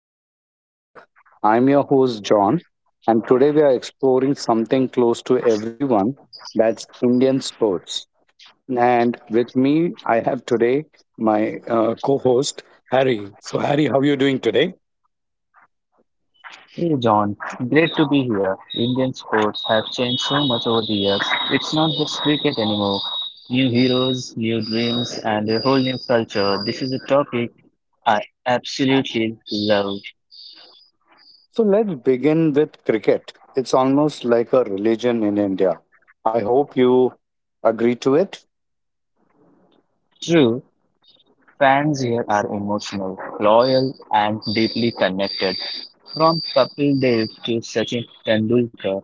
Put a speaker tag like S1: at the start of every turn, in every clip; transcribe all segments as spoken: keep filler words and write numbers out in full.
S1: exciting episode. I'm your host, John, and today we are exploring something close to everyone that's Indian sports. And with me, I have today my uh, co host, Harry. So, Harry, how are you doing today?
S2: Hey John, great to be here. Indian sports have changed so much over the years. It's not just cricket anymore. New heroes, new dreams, and a whole new culture. This is a topic I absolutely love.
S1: So let's begin with cricket. It's almost like a religion in India. I hope you agree to it.
S2: True, fans here are emotional, loyal, and deeply connected. From Kapil Dev to Sachin Tendulkar,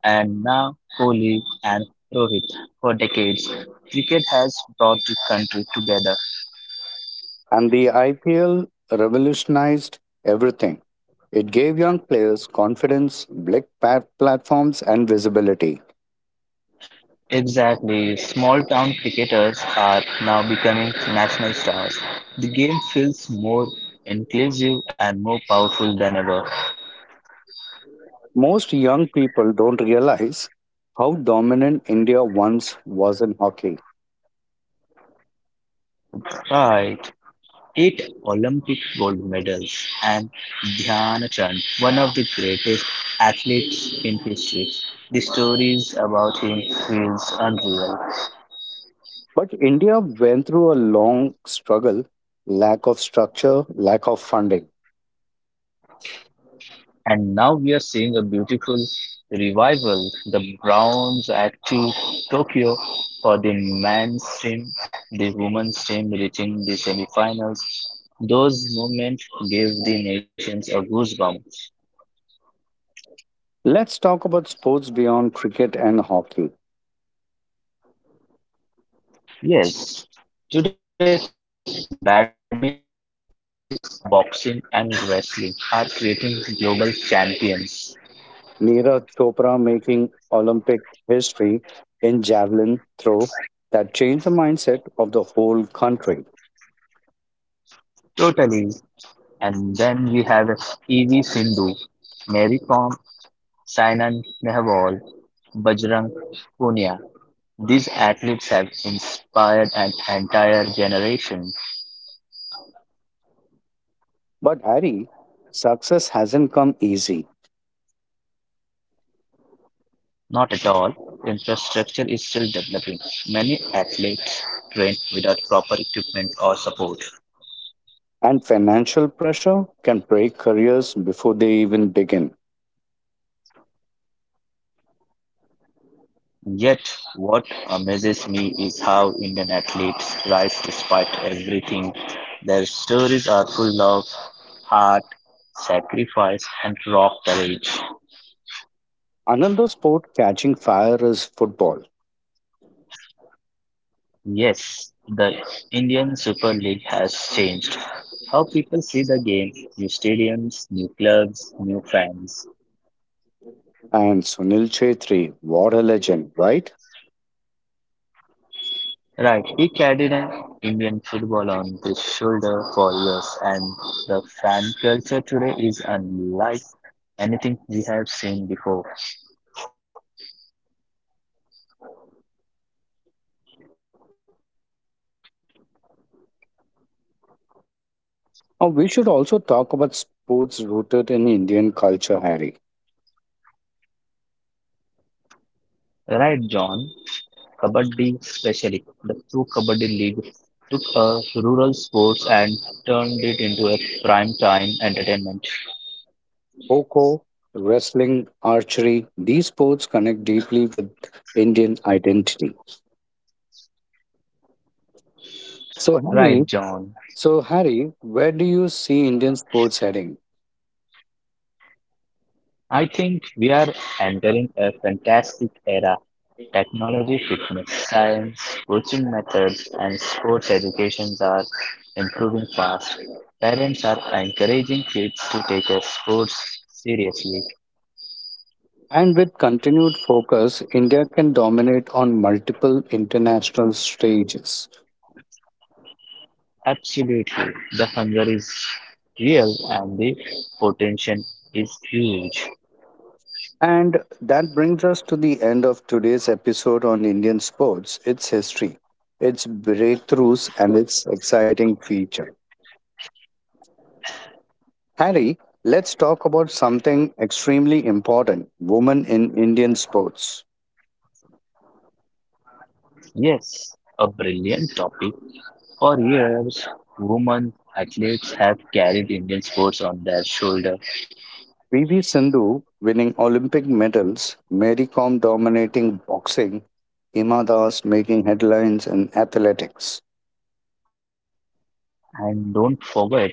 S2: and now Kohli and Rohit. For decades, cricket has brought the country together.
S1: And the I P L revolutionized everything. It gave young players confidence, big pat- platforms, and visibility.
S2: Exactly. Small town cricketers are now becoming national stars. The game feels more inclusive and more powerful than ever.
S1: Most young people don't realize how dominant India once was in hockey.
S2: Right. Eight Olympic gold medals and Dhyan Chand, one of the greatest athletes in history. The stories about him feels unreal.
S1: But India went through a long struggle lack of structure, lack of funding.
S2: And now we are seeing a beautiful revival. The Browns at to Tokyo for the men's team, the women's team reaching the semifinals. Those moments gave the nations a goosebump.
S1: Let's talk about sports beyond cricket and hockey.
S2: Yes, today badminton, athletics, boxing, and wrestling are creating global champions.
S1: Neeraj Chopra making Olympic history in javelin throw that changed the mindset of the whole country.
S2: Totally. And then we have E V Sindhu, Mary Kom, Sainan Nehwal, Bajrang Punia. These athletes have inspired an entire generation.
S1: But Harry, success hasn't come easy,
S2: Not at all. Infrastructure is still developing. Many athletes train without proper equipment or support.
S1: and financial pressure can break careers before they even begin.
S2: Yet, what amazes me is how Indian athletes rise despite everything. Their stories are full of heart, sacrifice, and raw courage.
S1: Another sport catching fire is football.
S2: Yes, the Indian Super League has changed how people see the game, new stadiums, new clubs, new fans.
S1: And Sunil Chetri, what a legend, right?
S2: Right, he carried an Indian football on his shoulder for years, and the fan culture today is unlike anything we have seen before.
S1: Uh, we should also talk about sports rooted in Indian culture, Harry.
S2: Right, John. Kabaddi especially, the true Kabaddi League took a rural sports and turned it into a prime time entertainment.
S1: Coco, wrestling, archery, these sports connect deeply with Indian identity. So,
S2: Right,
S1: Harry,
S2: John.
S1: so Harry, where do you see Indian sports heading?
S2: I think we are entering a fantastic era. Technology, fitness, science, coaching methods, and sports educations are improving fast. Parents are encouraging kids to take their sports seriously.
S1: And with continued focus, India can dominate on multiple international stages.
S2: Absolutely. The hunger is real and the potential is huge.
S1: And that brings us to the end of today's episode on Indian sports, its history, its breakthroughs, and its exciting future. Harry, let's talk about something extremely important women in Indian sports.
S2: Yes, a brilliant topic. For years, women athletes have carried Indian sports on their shoulder.
S1: P V Sindhu winning Olympic medals, Mary Kom dominating boxing, Hima Das making headlines in athletics.
S2: And don't forget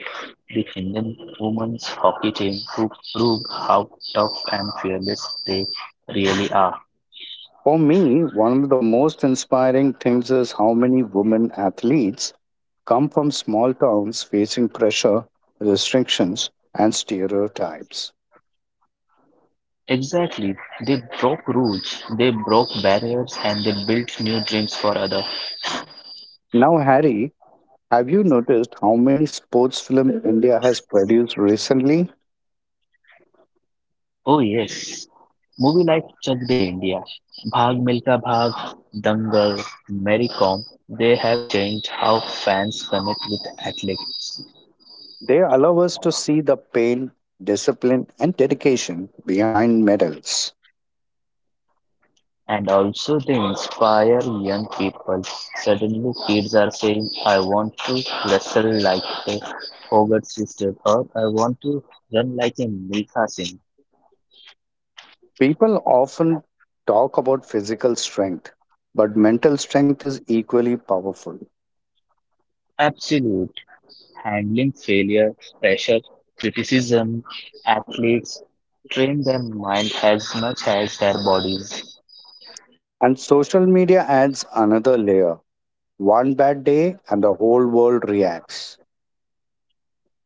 S2: the Indian women's hockey team who proved how tough and fearless they really are.
S1: For me, one of the most inspiring things is how many women athletes come from small towns facing pressure, restrictions, and stereotypes.
S2: Exactly. They broke rules, they broke barriers, and they built new dreams for others.
S1: Now, Harry, have you noticed how many sports films India has produced recently?
S2: Oh, yes. Movie like Chak De India, Bhag Milka Bhag, Dangal, Mary Kom, they have changed how fans connect with athletes.
S1: They allow us to see the pain, discipline, and dedication behind medals.
S2: And also they inspire young people. Suddenly, kids are saying, I want to wrestle like a Hogarth sister, or I want to run like a Milkha Singh.
S1: People often talk about physical strength, but mental strength is equally powerful.
S2: Absolute handling failure, pressure, criticism, athletes train their mind as much as their bodies.
S1: And social media adds another layer. One bad day, and the whole world reacts.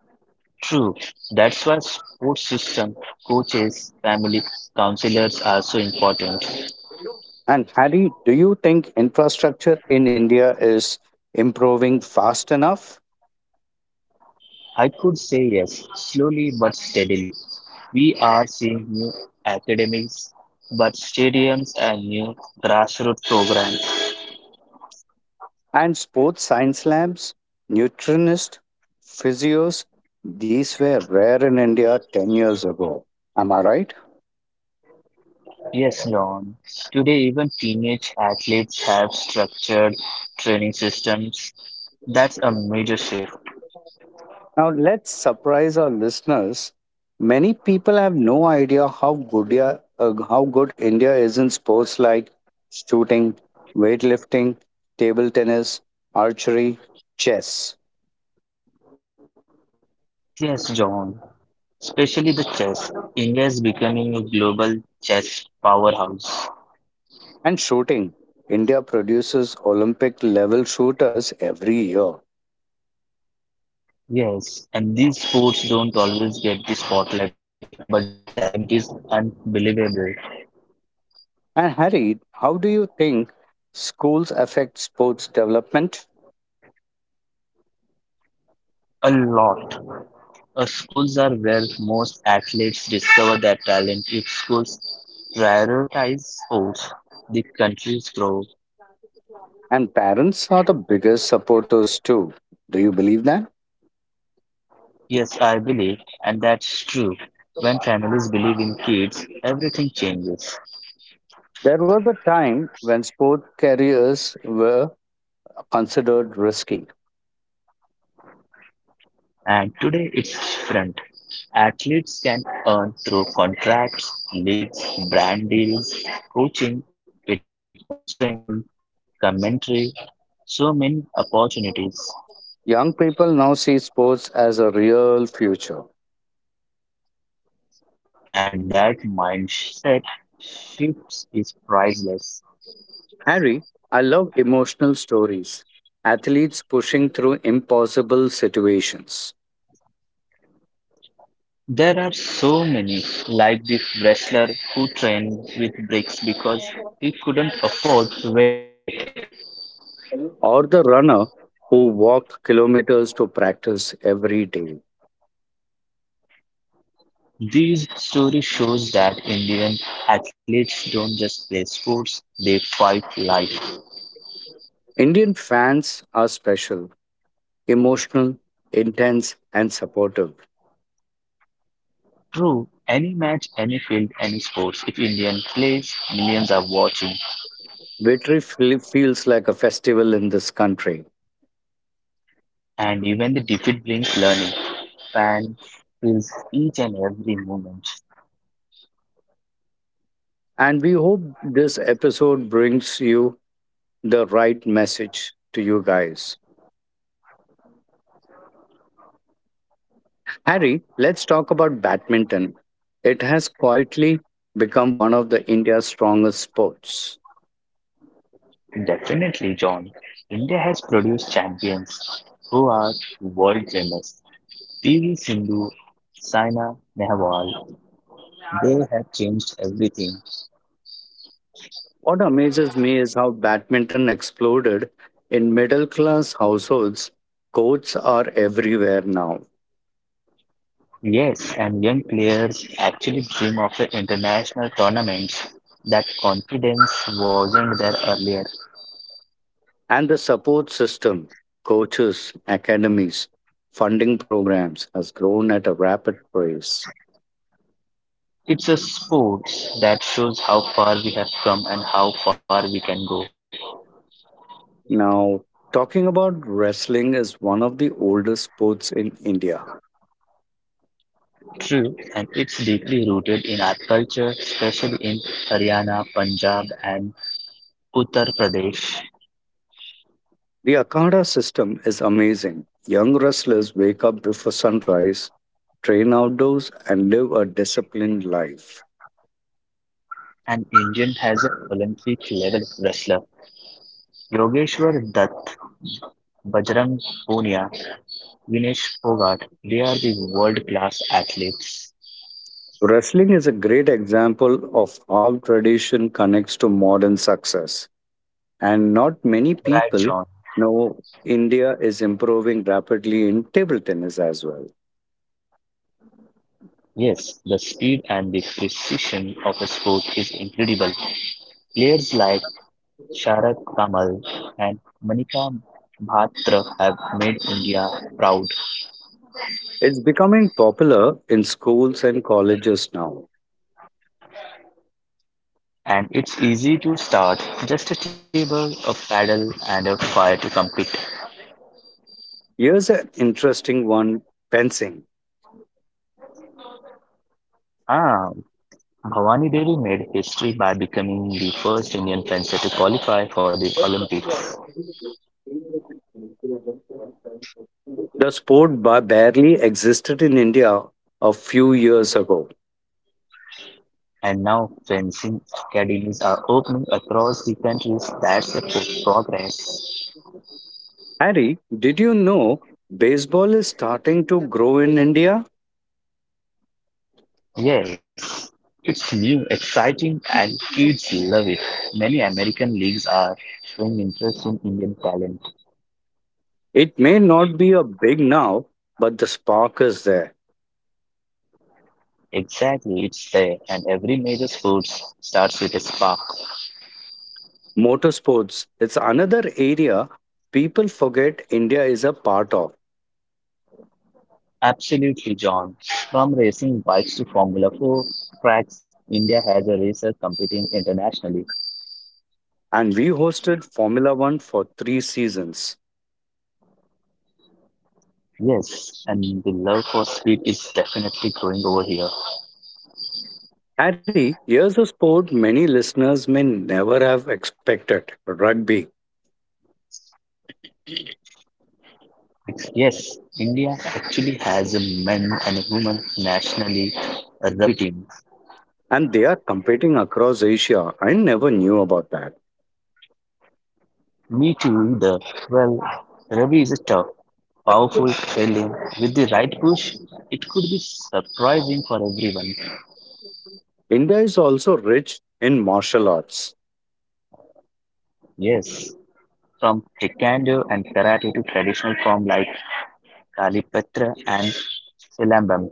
S2: True, that's why sports system, coaches, family, counselors are so important.
S1: And Harry, do you think infrastructure in India is improving fast enough?
S2: I could say yes, slowly but steadily. We are seeing new academics, but stadiums and new grassroots programs.
S1: And sports science labs, nutritionists, physios, these were rare in India ten years ago. Am I right?
S2: Yes, Leon. Today, even teenage athletes have structured training systems. That's a major shift.
S1: Now, let's surprise our listeners. Many people have no idea how good, ya- uh, how good India is in sports like shooting, weightlifting, table tennis, archery, chess,
S2: Yes, John. Especially the chess. India is becoming a global chess powerhouse.
S1: and shooting. India produces Olympic level shooters every year.
S2: Yes, and these sports don't always get the spotlight, but the talent is unbelievable.
S1: And Harry, how do you think schools affect sports development?
S2: A lot. Uh, schools are where most athletes discover their talent. If schools prioritize sports, the countries grow.
S1: And parents are the biggest supporters too. Do you believe that?
S2: Yes, I believe, and that's true. When families believe in kids, everything changes.
S1: There was a time when sport careers were considered risky.
S2: And today it's different. Athletes can earn through contracts, leagues, brand deals, coaching, fitness training, commentary, so many opportunities.
S1: Young people now see sports as a real future.
S2: And that mindset shifts is priceless.
S1: Harry, I love emotional stories. Athletes pushing through impossible situations,
S2: There are so many, like this wrestler who trained with bricks because he couldn't afford to wait.
S1: or the runner who walked kilometers to practice every day.
S2: These stories shows that Indian athletes don't just play sports, they fight life.
S1: Indian fans are special, emotional, intense, and supportive.
S2: True, any match, any field, any sports, if Indian plays, millions are watching,
S1: Victory fe- feels like a festival in this country.
S2: and even the defeat brings learning. Fan feels each and every moment.
S1: And we hope this episode brings you the right message to you guys. Harry, let's talk about badminton. It has quietly become one of the India's strongest sports.
S2: Definitely, John. India has produced champions who are world famous P V Sindhu, Saina Nehwal, they have changed everything.
S1: What amazes me is how badminton exploded in middle class households. Courts are everywhere now.
S2: Yes, and young players actually dream of the international tournaments. That confidence wasn't there earlier.
S1: And the support system, coaches, academies, funding programs has grown at a rapid pace.
S2: It's a sport that shows how far we have come and how far we can go.
S1: Now, talking about wrestling is one of the oldest sports in India.
S2: True, and it's deeply rooted in our culture, especially in Haryana, Punjab, and Uttar Pradesh.
S1: The Akada system is amazing. Young wrestlers wake up before sunrise, train outdoors, and live a disciplined life.
S2: And Indian has an Olympic level wrestler. Yogeshwar Dutt Bajrang Punia, Vinesh Fogart, they are the world-class athletes.
S1: Wrestling is a great example of how tradition connects to modern success. And not many
S2: Right,
S1: people
S2: John.
S1: know India is improving rapidly in table tennis as well.
S2: Yes, the speed and the precision of a sport is incredible. Players like Sharat Kamal and Manika Bhatra have made India proud.
S1: It's becoming popular in schools and colleges now.
S2: And it's easy to start, just a table, a paddle, and a fire to compete.
S1: Here's an interesting one fencing.
S2: Ah, Bhavani Devi made history by becoming the first Indian fencer to qualify for the Olympics.
S1: The sport ba- barely existed in India a few years ago.
S2: And now fencing academies are opening across the countries. That's a pro- progress.
S1: Harry, did you know baseball is starting to grow in India?
S2: Yes, it's new, exciting, and kids love it. Many American leagues are showing interest in Indian talent.
S1: It may not be a big now, but the spark is there.
S2: Exactly, it's there, and every major sport starts with a spark.
S1: Motorsports, it's another area people forget India is a part of,
S2: Absolutely, John. From racing bikes to Formula four tracks, India has a racer competing internationally.
S1: and we hosted Formula One for three seasons.
S2: Yes, and the love for speed is definitely growing over here.
S1: Harry, here's a sport many listeners may never have expected rugby,
S2: It's- Yes, India actually has a men and a women nationally uh, rugby team.
S1: and they are competing across Asia. I never knew about that.
S2: Me too. The well, rugby is a tough, powerful feeling. With the right push, it could be surprising for everyone.
S1: India is also rich in martial arts.
S2: Yes, from taekwondo and karate to traditional form like Kalipatra and silambam.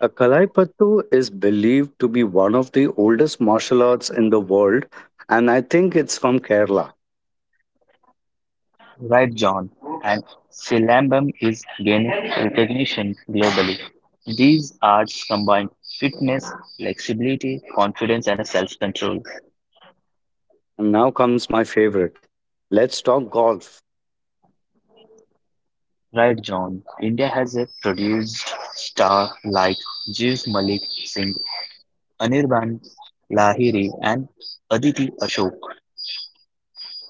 S1: A Kalaipattu is believed to be one of the oldest martial arts in the world, and I think it's from Kerala.
S2: Right, John. And Silambam is gaining recognition globally. These arts combine fitness, flexibility, confidence, and self-control.
S1: And now comes my favorite. Let's talk golf.
S2: Right, John. India has a produced star like Jeev Malik Singh, Anirban Lahiri, and Aditi Ashok.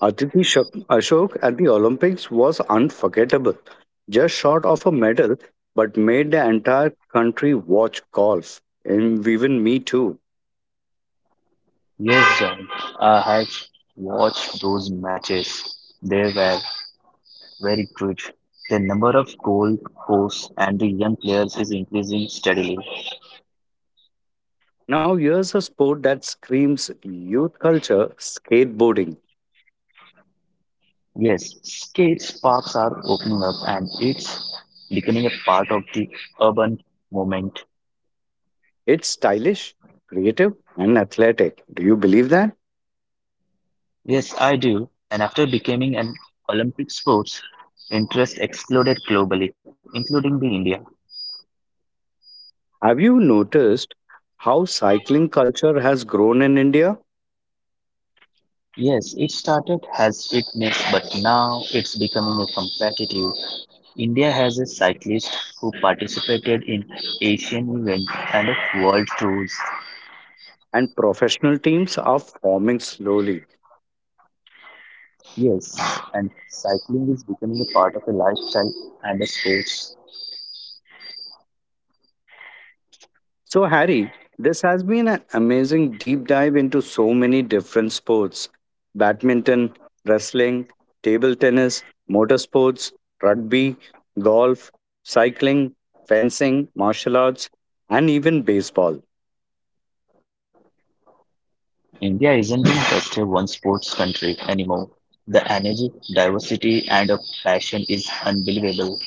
S1: Aditi Shok- Ashok at the Olympics was unforgettable. Just short of a medal, but made the entire country watch golf, and even me too.
S2: Yes, John. I have watched those matches. They were very good. The number of goal posts and the young players is increasing steadily.
S1: Now, here's a sport that screams youth culture skateboarding.
S2: Yes, skate parks are opening up and it's becoming a part of the urban movement.
S1: It's stylish, creative, and athletic. Do you believe that?
S2: Yes, I do. And after becoming an Olympic sports, interest exploded globally, including the India.
S1: Have you noticed how cycling culture has grown in India
S2: Yes, it started as fitness, but now it's becoming a competitive. India has a cyclist who participated in Asian events and of world tours.
S1: and professional teams are forming slowly?
S2: Yes, and cycling is becoming a part of a lifestyle and a sport.
S1: So, Harry, this has been an amazing deep dive into so many different sports badminton, wrestling, table tennis, motorsports, rugby, golf, cycling, fencing, martial arts, and even baseball.
S2: India isn't just a one sports country anymore. The energy, diversity, and a passion is unbelievable.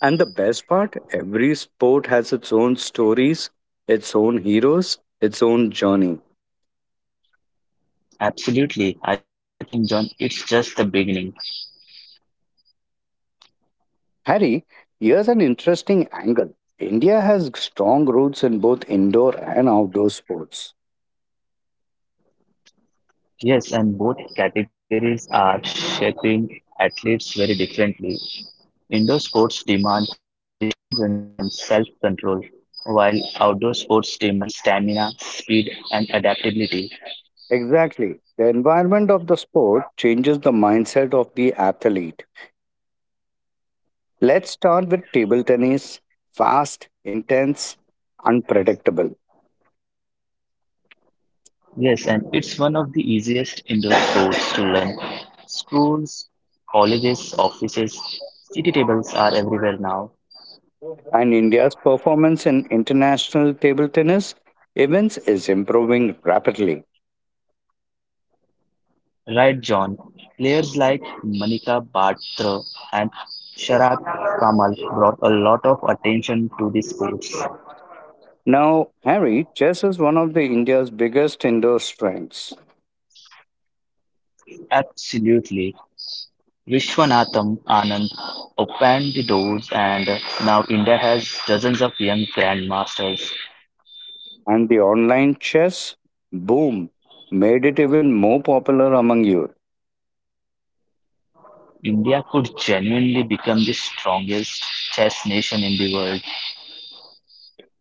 S1: And the best part, every sport has its own stories, its own heroes, its own journey.
S2: Absolutely, I think, John, it's just the beginning.
S1: Harry, here's an interesting angle. India has strong roots in both indoor and outdoor sports.
S2: Yes, and both categories are shaping athletes very differently. Indoor sports demand precision and self-control, while outdoor sports demand stamina, speed, and adaptability.
S1: Exactly. The environment of the sport changes the mindset of the athlete. Let's start with table tennis fast, intense, unpredictable.
S2: Yes, and it's one of the easiest indoor sports to learn. Schools, colleges, offices, city tables are everywhere now.
S1: And India's performance in international table tennis events is improving rapidly.
S2: Right, John? Players like Manika Batra and Sharat Kamal brought a lot of attention to the sports.
S1: Now, Harry, chess is one of the India's biggest indoor strengths,
S2: Absolutely. Vishwanatham Anand opened the doors, and now India has dozens of young grandmasters.
S1: and the online chess boom made it even more popular among youth.
S2: India could genuinely become the strongest chess nation in the world.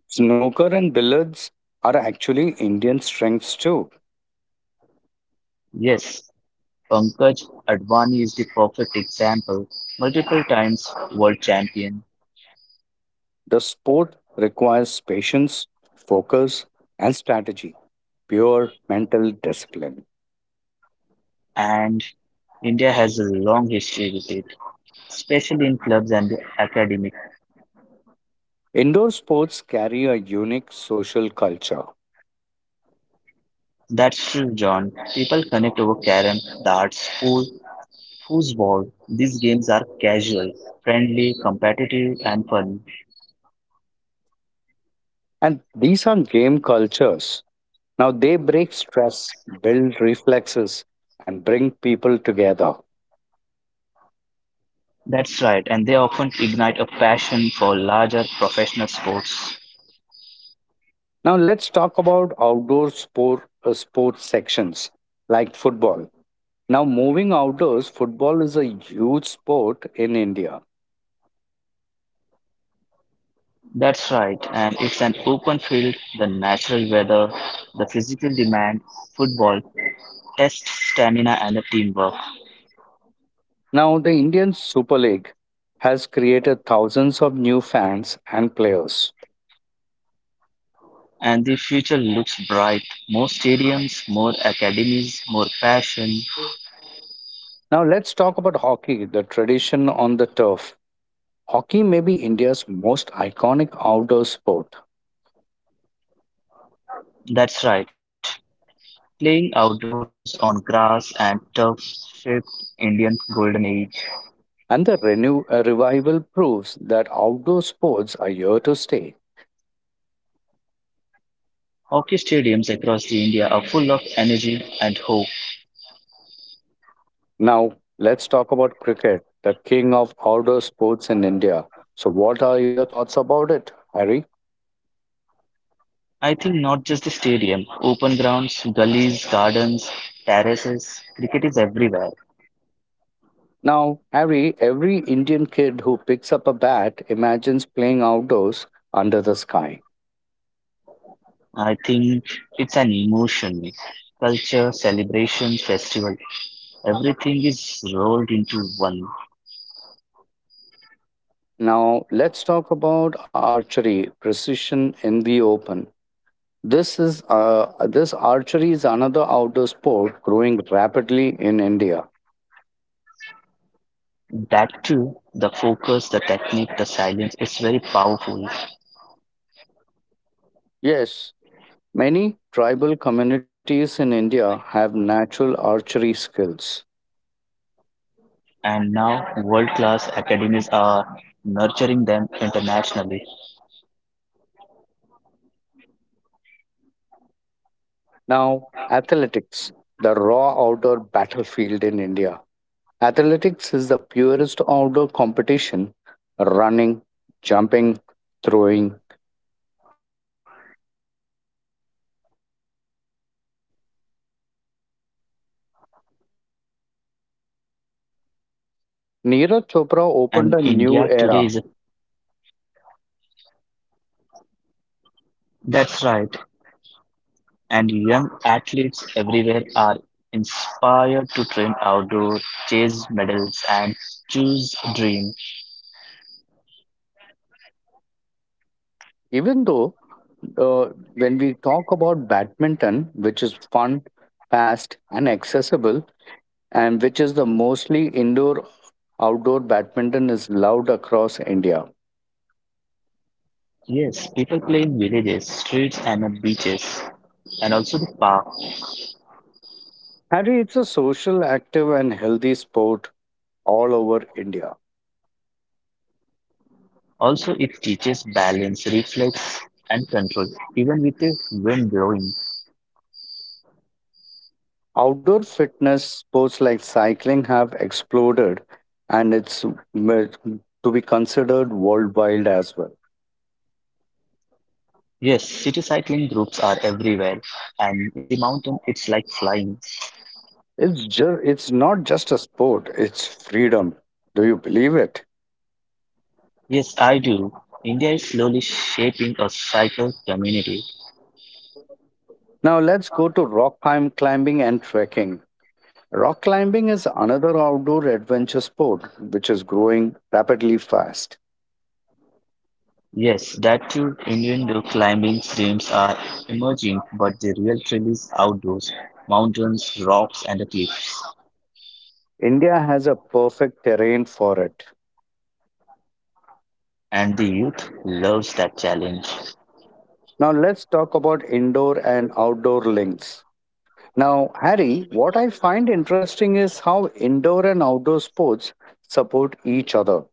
S1: Snooker and billiards are actually Indian strengths too.
S2: Yes, Pankaj Advani is the perfect example, multiple times world champion,
S1: The sport requires patience, focus, and strategy, pure mental discipline.
S2: and India has a long history with it, especially in clubs and the academic.
S1: Indoor sports carry a unique social culture,
S2: That's true, John. People connect over Karen, darts, pool, foosball. These games are casual, friendly, competitive, and fun.
S1: and these are game cultures. Now, they break stress, build reflexes, and bring people together.
S2: That's right, and they often ignite a passion for larger professional sports.
S1: Now, let's talk about outdoor sport, uh, sports sections like football. Now, moving outdoors, football is a huge sport in India.
S2: That's right, and it's an open field, the natural weather, the physical demand, football, tests stamina and the teamwork.
S1: Now, the Indian Super League has created thousands of new fans and players.
S2: And the future looks bright. More stadiums, more academies, more passion.
S1: Now, let's talk about hockey, the tradition on the turf. Hockey may be India's most iconic outdoor sport.
S2: That's right. Playing outdoors on grass and turf shaped Indian golden age.
S1: And the renew, uh, revival proves that outdoor sports are here to stay.
S2: Hockey stadiums across the India are full of energy and hope.
S1: Now, let's talk about cricket, the king of outdoor sports in India. So, what are your thoughts about it, Harry?
S2: I think not just the stadium, open grounds, gullies, gardens, terraces, cricket is everywhere.
S1: Now, Harry, every Indian kid who picks up a bat imagines playing outdoors under the sky.
S2: I think it's an emotion, culture, celebrations, festival. Everything is rolled into one.
S1: Now, let's talk about archery, precision in the open. This is uh, this archery is another outdoor sport growing rapidly in India.
S2: That too, the focus, the technique, the silence, it's very powerful.
S1: Yes, many tribal communities in India have natural archery skills.
S2: And now world-class academies are nurturing them internationally.
S1: Now, athletics, the raw outdoor battlefield in India. Athletics is the purest outdoor competition running, jumping, throwing.
S2: And India today is proud of javelin sprinting, long distance running.
S1: Neeraj Chopra opened a new era.
S2: That's right. And young athletes everywhere are inspired to train outdoor, chase medals, and choose dream.
S1: Even though uh, when we talk about badminton, which is fun, fast, and accessible, and which is the mostly indoor outdoor badminton is loved across India.
S2: Yes, people play in villages, streets, and on beaches, and also the park.
S1: Harry, it's a social, active, and healthy sport all over India.
S2: Also, it teaches balance, reflex, and control, even with the wind blowing.
S1: Outdoor fitness sports like cycling have exploded and it's m- to be considered worldwide as well.
S2: Yes, city cycling groups are everywhere, and in the mountain, it's like flying.
S1: It's, ju- it's not just a sport, it's freedom. Do you believe it?
S2: Yes, I do. India is slowly shaping a cycle community.
S1: Now let's go to rock climb, climbing and trekking. Rock climbing is another outdoor adventure sport which is growing rapidly fast.
S2: Yes, that too. Indoor climbing gyms are emerging, but the real thrill is outdoors, mountains, rocks, and the cliffs.
S1: India has a perfect terrain for it.
S2: And the youth loves that challenge.
S1: Now let's talk about indoor and outdoor links. Now, Harry, what I find interesting is how indoor and outdoor sports support each other.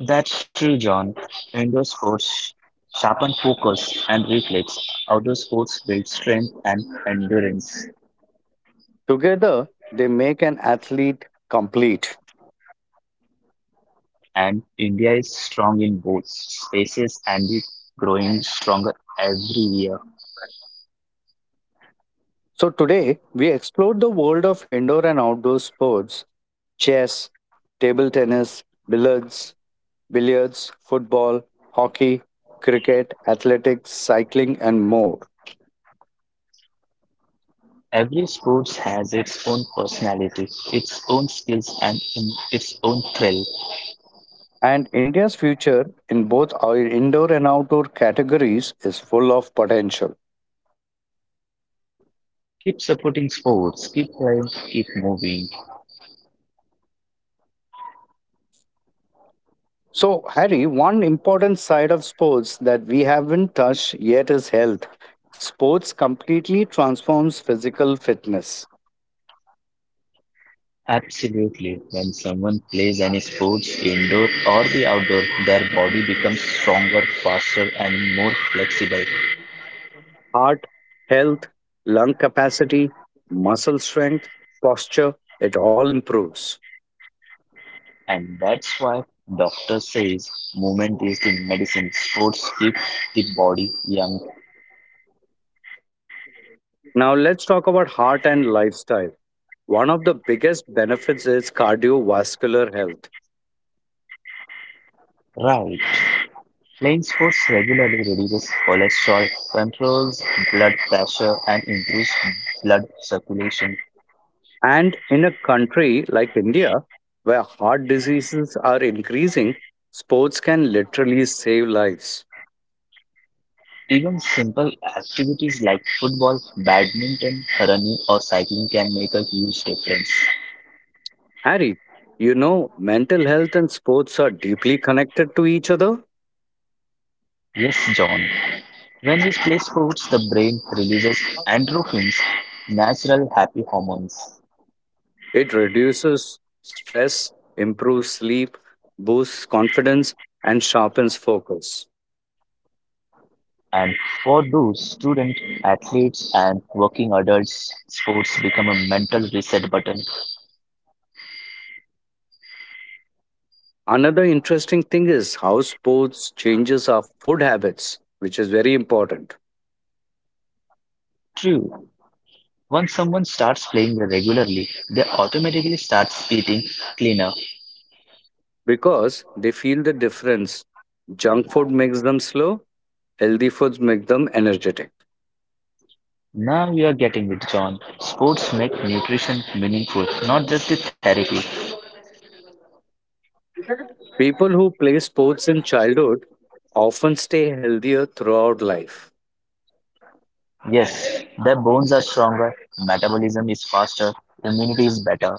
S2: That's true, John. Indoor sports sharpen focus and reflex. Outdoor sports build strength and endurance.
S1: Together, they make an athlete complete.
S2: And India is strong in both spaces and is growing stronger every year.
S1: So, today we explored the world of indoor and outdoor sports chess, table tennis, billiards, billiards, football, hockey, cricket, athletics, cycling, and more.
S2: Every sports has its own personality, its own skills, and in its own thrill.
S1: And India's future in both our indoor and outdoor categories is full of potential.
S2: Keep supporting sports, keep playing, keep moving.
S1: So, Harry, one important side of sports that we haven't touched yet is health. Sports completely transforms physical fitness.
S2: Absolutely. When someone plays any sports, indoor or the outdoor, their body becomes stronger, faster, and more flexible.
S1: Heart health, lung capacity, muscle strength, posture, it all improves.
S2: And that's why doctor says movement is the medicine. Sports keep the body young.
S1: Now, let's talk about heart and lifestyle. One of the biggest benefits is cardiovascular health.
S2: Right. Playing sports regularly reduces cholesterol, controls blood pressure, and improves blood circulation.
S1: And in a country like India, where heart diseases are increasing, sports can literally save lives.
S2: Even simple activities like football, badminton, running, or cycling can make a huge difference.
S1: Harry, you know, mental health and sports are deeply connected to each other.
S2: Yes, John. When we play sports, the brain releases endorphins, natural happy hormones.
S1: It reduces stress, improves sleep, boosts confidence, and sharpens focus.
S2: And for those student athletes and working adults, sports become a mental reset button.
S1: Another interesting thing is how sports changes our food habits, which is very important
S2: True. Once someone starts playing regularly, they automatically starts eating cleaner.
S1: because they feel the difference. Junk food makes them slow, healthy foods make them energetic.
S2: Now you are getting it, John. Sports make nutrition meaningful, not just the therapy.
S1: People who play sports in childhood often stay healthier throughout life,
S2: Yes, their bones are stronger, metabolism is faster, immunity is better,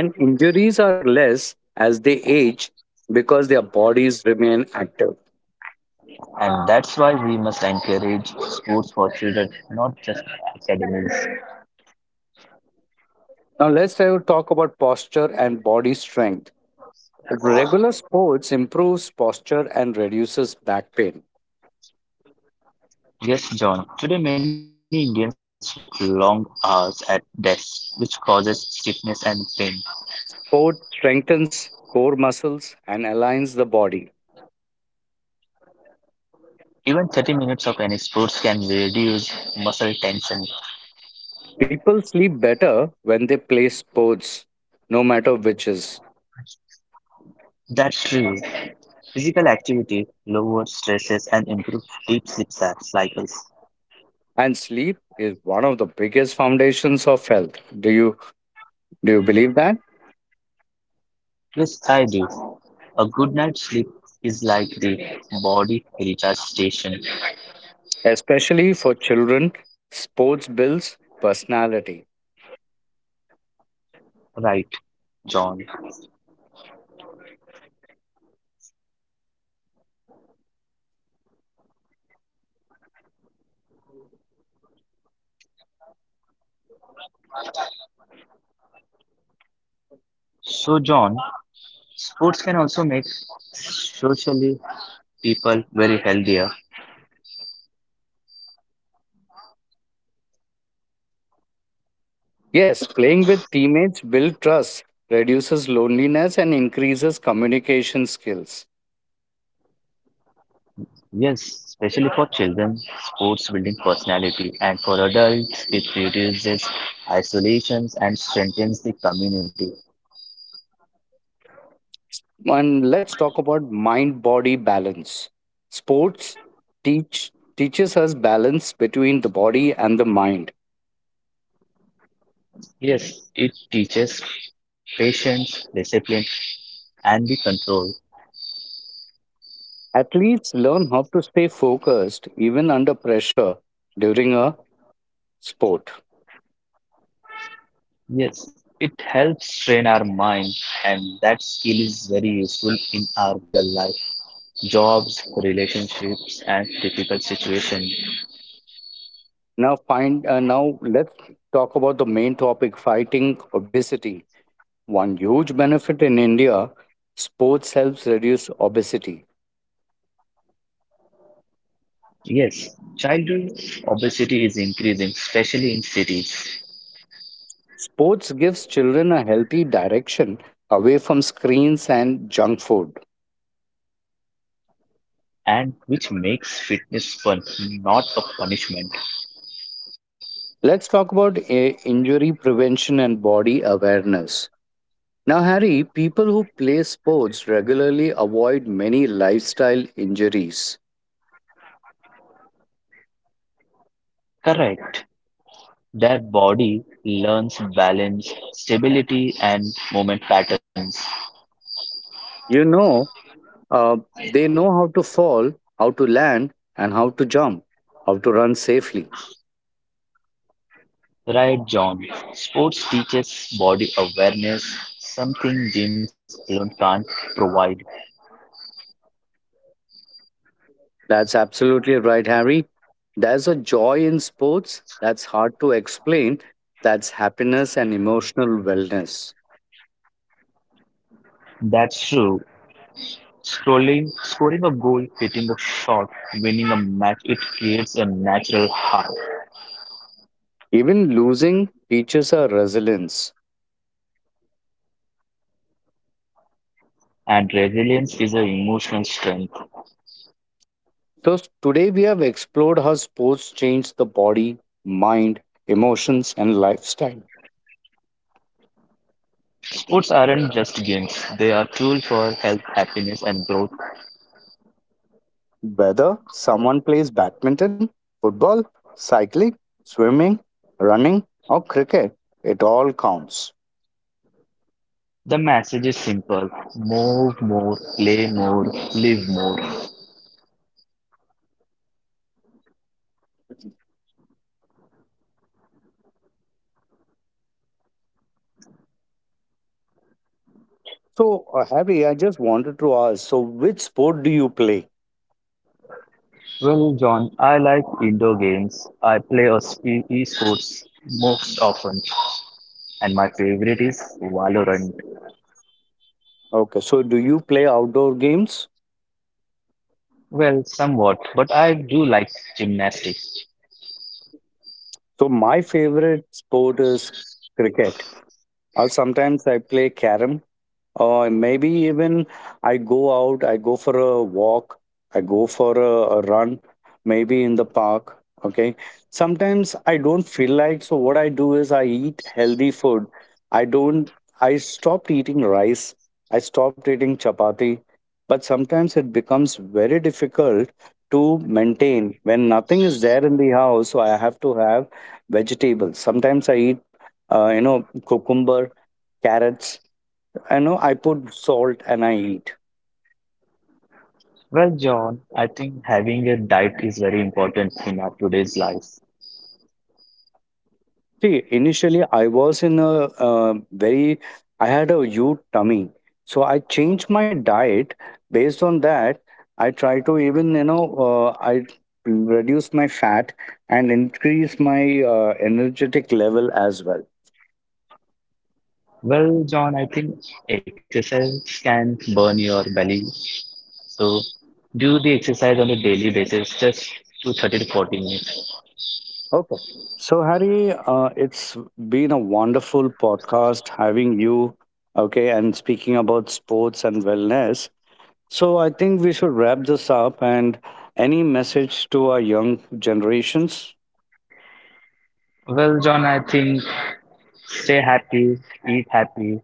S1: and injuries are less as they age because their bodies remain active.
S2: and that's why we must encourage sports for children, not just academies.
S1: Now let's try to talk about posture and body strength. Regular sports improves posture and reduces back pain.
S2: Yes, John. Today many Indians work long hours at desks, which causes stiffness and pain.
S1: Sport strengthens core muscles and aligns the body.
S2: Even thirty minutes of any sports can reduce muscle tension.
S1: People sleep better when they play sports, no matter which is.
S2: That's true. Physical activity lowers stresses and improves deep sleep sa- cycles.
S1: And sleep is one of the biggest foundations of health. Do you do you believe that?
S2: Yes, I do. A good night's sleep is like the body recharge station.
S1: Especially for children, sports builds personality.
S2: Right, John. So, John, sports can also make socially people very healthier.
S1: Yes, playing with teammates builds trust, reduces loneliness, and increases communication skills.
S2: Yes, especially for children, sports building personality, and for adults, it reduces isolations and strengthens the community.
S1: And let's talk about mind-body balance. Sports teach teaches us balance between the body and the mind.
S2: Yes, it teaches patience, discipline, and the control.
S1: Athletes learn how to stay focused even under pressure during a sport.
S2: Yes, it helps train our mind, and that skill is very useful in our real life, jobs, relationships, and difficult situations.
S1: Now, find uh, now let's talk about the main topic: fighting obesity. One huge benefit in India sports helps reduce obesity.
S2: Yes, childhood obesity is increasing, especially in cities.
S1: Sports gives children a healthy direction away from screens and junk food.
S2: And which makes fitness fun, not a punishment.
S1: Let's talk about i- injury prevention and body awareness. Now, Harry, people who play sports regularly avoid many lifestyle injuries.
S2: Correct. Their body learns balance, stability, and movement patterns.
S1: You know, uh, they know how to fall, how to land, and how to jump, how to run safely.
S2: Right, John. Sports teaches body awareness, something gyms alone can't provide.
S1: That's absolutely right, Harry. There's a joy in sports that's hard to explain. That's happiness and emotional wellness.
S2: That's true. Scrolling, scoring a goal, hitting a shot, winning a match, it creates a natural high.
S1: Even losing teaches us resilience.
S2: And resilience is an emotional strength.
S1: So, today we have explored how sports change the body, mind, emotions, and lifestyle.
S2: Sports aren't just games, they are tools for health, happiness, and growth.
S1: Whether someone plays badminton, football, cycling, swimming, running, or cricket, it all counts.
S2: The message is simple: move more, play more, live more.
S1: So, uh, Harry, I just wanted to ask so, which sport do you play?
S2: Well, John, I like indoor games. I play a sp- esports most often, and my favorite is Valorant.
S1: Okay, so do you play outdoor games?
S2: Well, somewhat, but I do like gymnastics.
S1: So my favorite sport is cricket. Or sometimes I play carom, or maybe even I go out, I go for a walk, I go for a, a run, maybe in the park. Okay, sometimes I don't feel like, so what I do is I eat healthy food. I don't, I stopped eating rice, I stopped eating chapati, but sometimes it becomes very difficult to maintain when nothing is there in the house, so I have to have vegetables. Sometimes I eat uh, you know cucumber, carrots. I know, I put salt and I eat.
S2: Well, John, I think having a diet is very important in our today's life.
S1: See, initially I was in a uh, very, I had a huge tummy. So I changed my diet based on that. I try to even, you know, uh, I reduce my fat and increase my uh, energetic level as well.
S2: Well, John, I think exercise can burn your belly. So do the exercise on a daily basis, just to thirty to forty minutes.
S1: Okay. So, Harry, uh, it's been a wonderful podcast having you, okay, and speaking about sports and wellness. So I think we should wrap this up, and any message to our young generations.
S2: Well, John, I think stay happy, eat happy,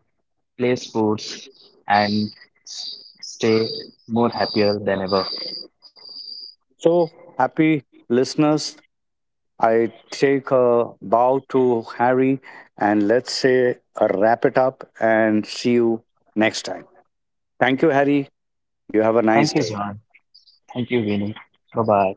S2: play sports, and s- stay more happier than ever.
S1: So happy listeners, I take a bow to Harry and let's say uh, wrap it up and see you next time. Thank you, Harry. You have a nice
S2: Thank you,
S1: day.
S2: John. Thank you, Vinny. Bye bye.